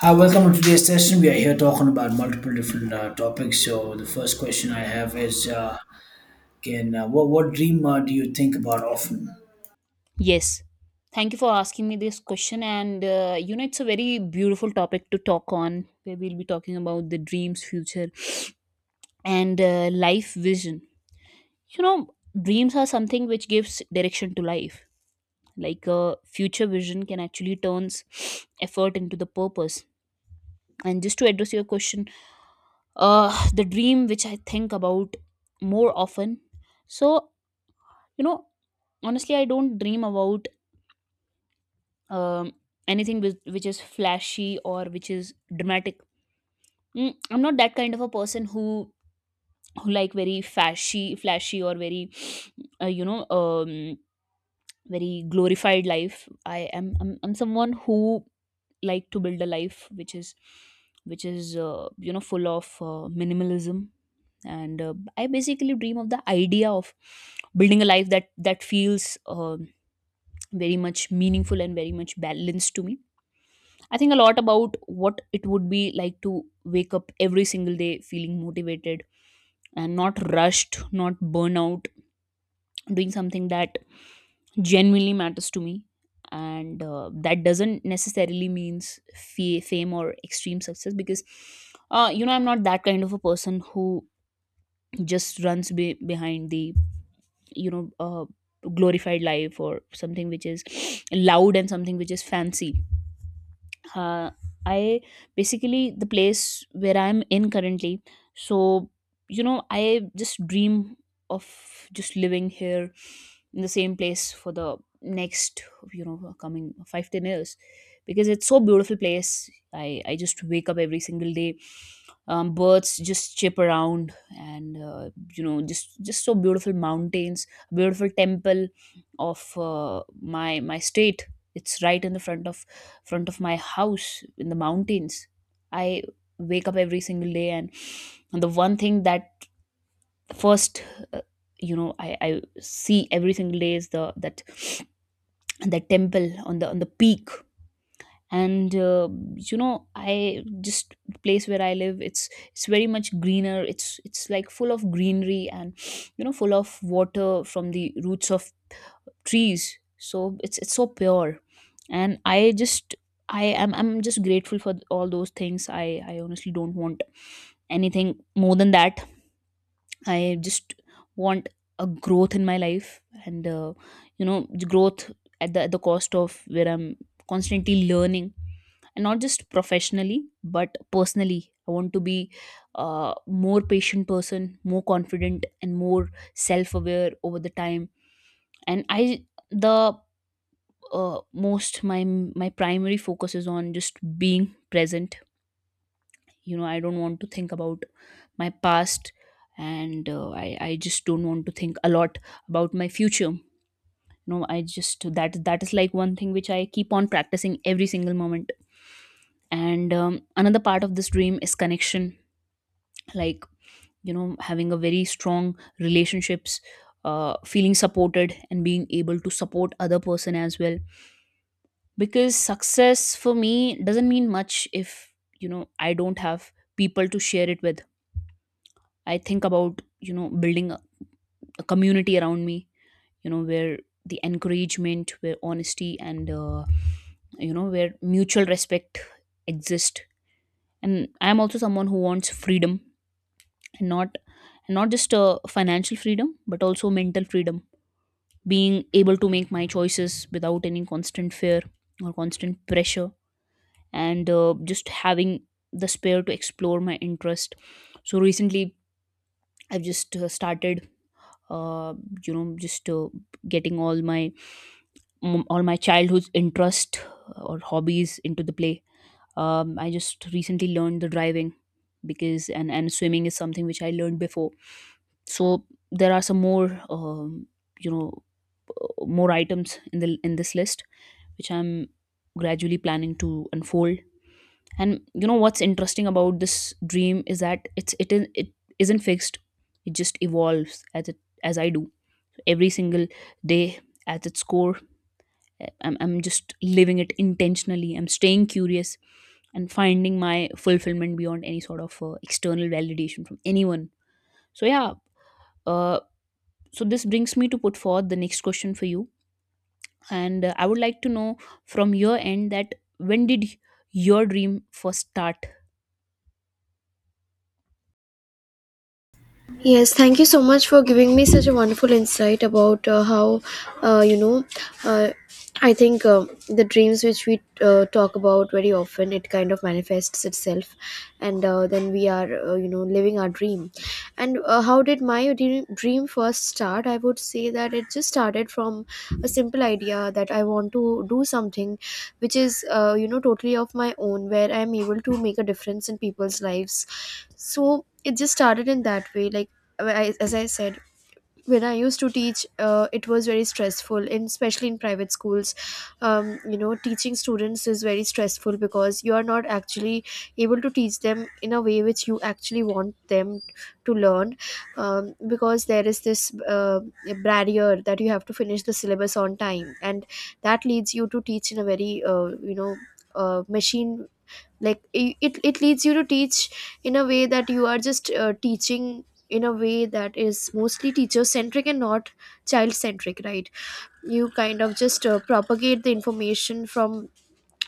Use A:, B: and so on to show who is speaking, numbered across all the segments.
A: Hi, welcome to today's session. We are here talking about multiple different topics. So the first question I have is, can what dream do you think about often?
B: Yes. Thank you for asking me this question. It's a very beautiful topic to talk on, where we'll be talking about the dreams, future, and life vision. You know, dreams are something which gives direction to life. Like a future vision can actually turns effort into the purpose. And just to address your question, the dream which I think about more often. So, you know, honestly I don't dream about um, anything which is flashy or which is dramatic. Mm, I'm not that kind of a person who like very flashy or very uh, you know um, very glorified life. I'm someone who like to build a life which is full of minimalism, and I basically dream of the idea of building a life that feels very much meaningful and very much balanced to me. I think a lot about what it would be like to wake up every single day feeling motivated and not rushed, not burnout, doing something that genuinely matters to me. And that doesn't necessarily means fame or extreme success because, I'm not that kind of a person who just runs behind the, you know, uh, glorified life or something which is loud and something which is fancy. Uh, I Basically the place where I'm in currently, so you know I just dream of just living here in the same place for the next you know coming 5-10 years, because it's so beautiful place. I just wake up every single day, birds just chip around, and you know just so beautiful mountains, beautiful temple of my my state. It's right in the front of my house in the mountains. I wake up every single day, and the one thing that first, uh, I see every single day is the that that temple on the peak. And you know I just the place where I live, it's very much greener, it's like full of greenery, and you know full of water from the roots of trees, so it's so pure. And I just I'm just grateful for all those things. I honestly don't want anything more than that. I just want a growth in my life, and growth at the cost of where I'm constantly learning, and not just professionally but personally. I want to be a more patient person, more confident, and more self-aware over the time. And I the Most my my primary focus is on just being present. You know, I don't want to think about my past, and I just don't want to think a lot about my future. You know, I just that that is like one thing which I keep on practicing every single moment. And another part of this dream is connection. Like, you know, having a very strong relationships, feeling supported and being able to support other person as well, because success for me doesn't mean much if you know I don't have people to share it with. I think about, you know, building a community around me, you know, where the encouragement, where honesty and, where mutual respect exist. And I'm also someone who wants freedom, and not and not just financial freedom, but also mental freedom. Being able to make my choices without any constant fear or constant pressure, and just having the spare to explore my interest. So recently, I've just started uh, you know just getting all my all my childhood's interest or hobbies into the play. I just recently learned the driving, because and swimming is something which I learned before. So there are some more you know more items in the in this list which I'm gradually planning to unfold. And you know what's interesting about this dream is that it's it is it isn't fixed, it just evolves as it as I do every single day at its core. I'm just living it intentionally. I'm staying curious and finding my fulfillment beyond any sort of external validation from anyone. So, yeah, uh, so this brings me to put forth the next question for you. And I would like to know from your end that when did your dream first start?
C: Yes, thank you so much for giving me such a wonderful insight about uh, you know, uh, I think the dreams which we talk about very often, it kind of manifests itself, and then we are, living our dream. And how did my dream first start? I would say that it just started from a simple idea that I want to do something which is, totally of my own, where I'm able to make a difference in people's lives. So, it just started in that way like well, as I said, when I used to teach, it was very stressful, especially in private schools. Teaching students is very stressful because you are not actually able to teach them in a way which you actually want them to learn, because there is this barrier that you have to finish the syllabus on time, and that leads you to teach in a very, machine like it leads you to teach in a way that you are just teaching in a way that is mostly teacher centric and not child centric, right? You kind of just propagate the information from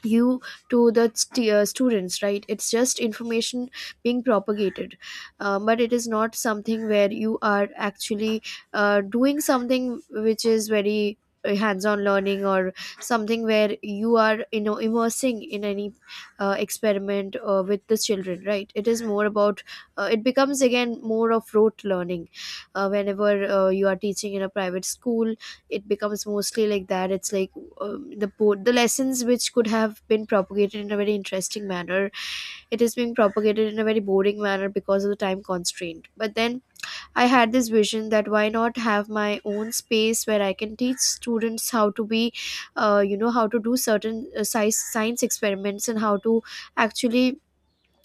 C: you to the students, right? It's just information being propagated. But it is not something where you are actually doing something which is very hands-on learning or something where you are, you know, immersing in any experiment with the children, right? It is more about, it becomes again more of rote learning. Whenever you are teaching in a private school, it becomes mostly like that. It's like, the lessons which could have been propagated in a very interesting manner, it is being propagated in a very boring manner because of the time constraint. But then I had this vision that why not have my own space where I can teach students how to be, you know, how to do certain science experiments and how to actually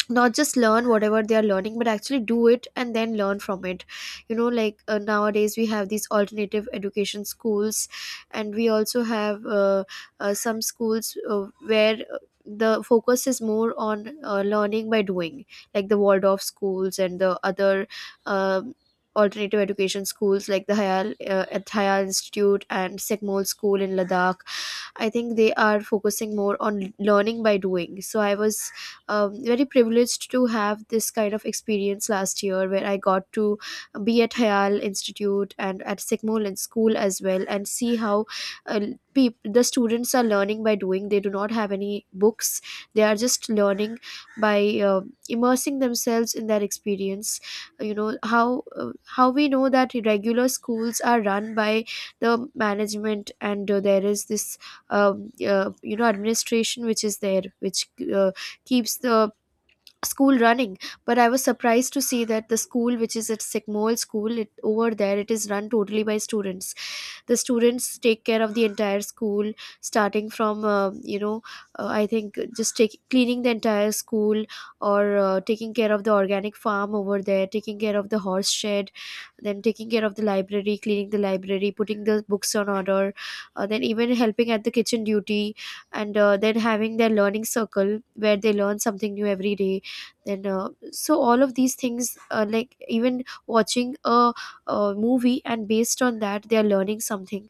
C: not just learn whatever they are learning but actually do it and then learn from it. You know, like nowadays we have these alternative education schools, and we also have some schools where the focus is more on learning by doing, like the waldorf schools and the other um alternative education schools like the Hayal, at Hayal Institute and Sikmol School in Ladakh. I think they are focusing more on learning by doing. So I was, very privileged to have this kind of experience last year, where I got to be at Hayal Institute and at Sigmoland School as well, and see how uh, the students are learning by doing. They do not have any books, they are just learning by immersing themselves in that experience. You know, how we know that regular schools are run by the management, and there is this you know, administration which is there, which uh, keeps the school running. But I was surprised to see that the school which is at Sigmol School, it, over there, it is run totally by students. The students take care of the entire school starting from, I think just take, cleaning the entire school, or taking care of the organic farm over there, taking care of the horse shed, then taking care of the library, cleaning the library, putting the books on order, then even helping at the kitchen duty, and then having their learning circle where they learn something new every day. Then so all of these things, like even watching a movie, and based on that they are learning something,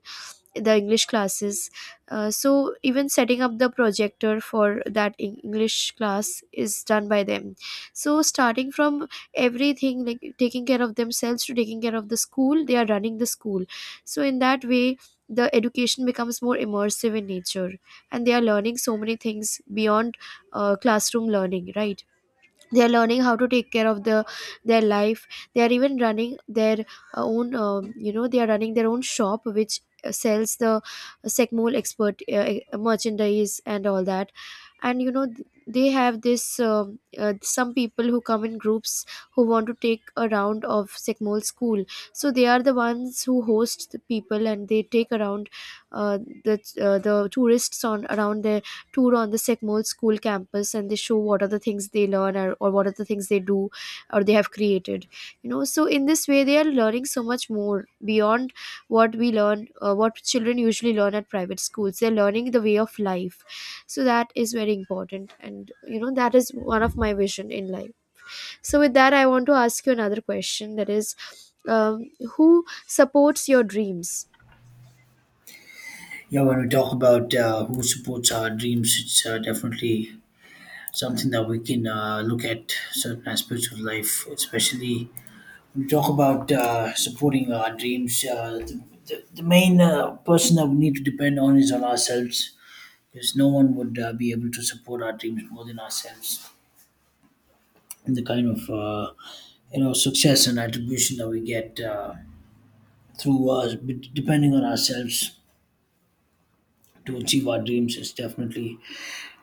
C: the english classes, so even setting up the projector for that english class is done by them. So starting from everything, like taking care of themselves to taking care of the school, they are running the school. So in that way, the education becomes more immersive in nature, and they are learning so many things beyond classroom learning, right? They are learning how to take care of the their life. They are even running their own, you know, they are running their own shop which sells the secmol expert, merchandise and all that. And you know, they have this, some people who come in groups who want to take a round of secmol school, so they are the ones who host the people, and they take around uh, the the tourists on around their tour on the Sycamore School campus, and they show what are the things they learn, or what are the things they do or they have created. You know, so in this way, they are learning so much more beyond what we learn, what children usually learn at private schools. They're learning the way of life. So that is very important. And, you know, that is one of my vision in life. So, with that, I want to ask you another question, that is, um, who supports your dreams?
A: Yeah, when we talk about who supports our dreams, it's definitely something that we can look at certain aspects of life, especially when we talk about supporting our dreams. The main person that we need to depend on is on ourselves, because no one would be able to support our dreams more than ourselves, and the kind of success and attribution that we get through us depending on ourselves to achieve our dreams is definitely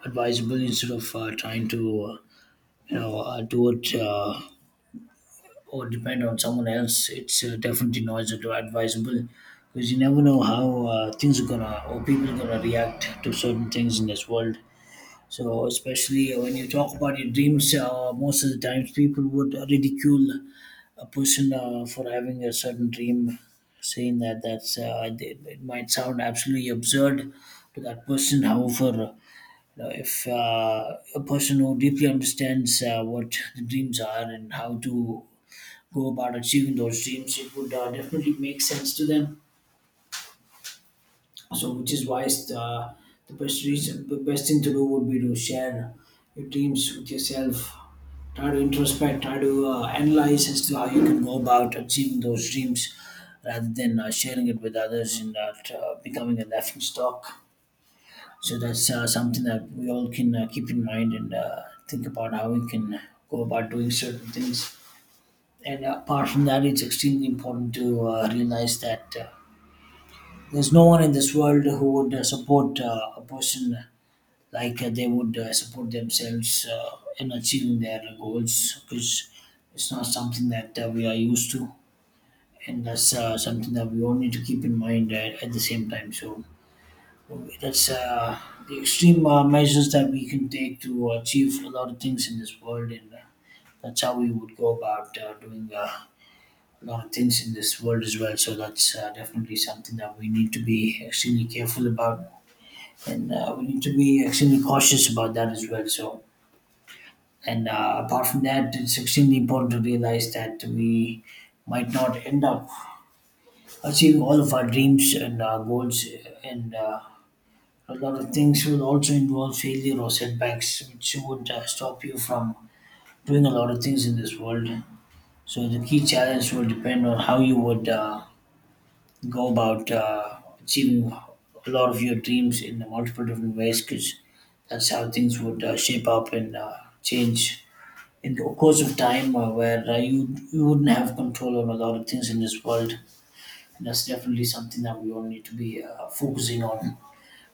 A: advisable, instead of trying to uh, do it, or depend on someone else. It's definitely not advisable, because you never know how things are gonna or people are gonna react to certain things in this world. So especially when you talk about your dreams, most of the times people would ridicule a person for having a certain dream, saying that it might sound absolutely absurd to that person. However, you know, if a person who deeply understands what the dreams are and how to go about achieving those dreams, it would definitely make sense to them. So which is why the best thing to do would be to share your dreams with yourself, try to introspect, try to analyze as to how you can go about achieving those dreams, rather than sharing it with others and becoming a laughing stock. So that's something that we all can keep in mind and think about how we can go about doing certain things. And apart from that, it's extremely important to realize that there's no one in this world who would support a person like they would support themselves in achieving their goals, because it's not something that we are used to, and that's something that we all need to keep in mind at the same time. So that's the extreme measures that we can take to achieve a lot of things in this world, and that's how we would go about doing a lot of things in this world as well. So that's definitely something that we need to be extremely careful about, and we need to be extremely cautious about that as well. So, and apart from that, it's extremely important to realize that we might not end up achieving all of our dreams and goals, and a lot of things will also involve failure or setbacks, which would stop you from doing a lot of things in this world. So, the key challenge will depend on how you would go about achieving a lot of your dreams in multiple different ways, because that's how things would shape up and change in the course of time, where you wouldn't have control on a lot of things in this world, and that's definitely something that we all need to be focusing on,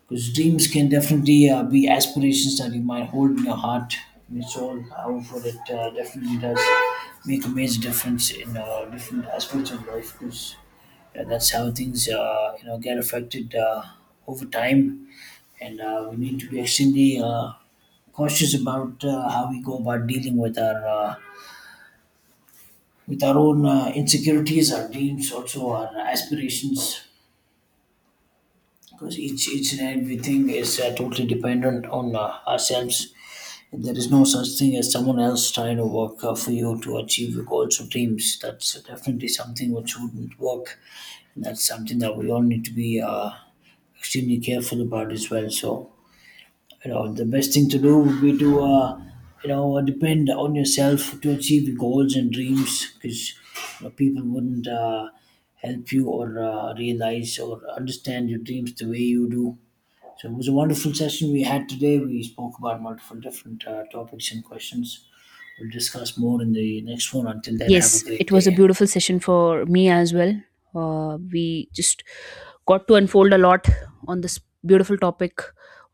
A: because dreams can definitely be aspirations that you might hold in your heart. And it's all, however, it definitely does make a major difference in different aspects of life, because yeah, that's how things get affected over time, and we need to be extremely cautious about how we go about dealing with our own insecurities, our dreams, also our aspirations, because each and everything is totally dependent on ourselves. There is no such thing as someone else trying to work for you to achieve your goals or dreams. That's definitely something which wouldn't work. And that's something that we all need to be extremely careful about as well. So, you know, the best thing to do would be to, you know, depend on yourself to achieve your goals and dreams, because you know, people wouldn't help you or realize or understand your dreams the way you do. So it was a wonderful session we had today. We spoke about multiple different topics and questions. We'll discuss more in the next one. Until then, have a
B: Yes,
A: great
B: it was a
A: day.
B: beautiful session for me as well. We just got to unfold a lot on this beautiful topic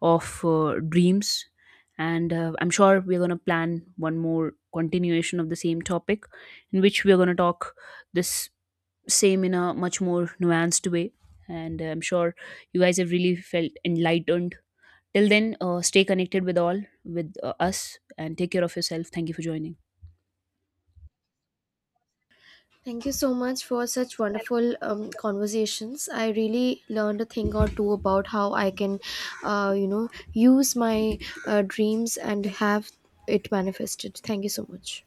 B: of dreams, and I'm sure we're going to plan one more continuation of the same topic in which we're going to talk this same in a much more nuanced way. And I'm sure you guys have really felt enlightened. Till then, stay connected with all, with us, and take care of yourself. Thank you for joining.
C: Thank you so much for such wonderful conversations. I really learned a thing or two about how I can, use my dreams and have it manifested. Thank you so much.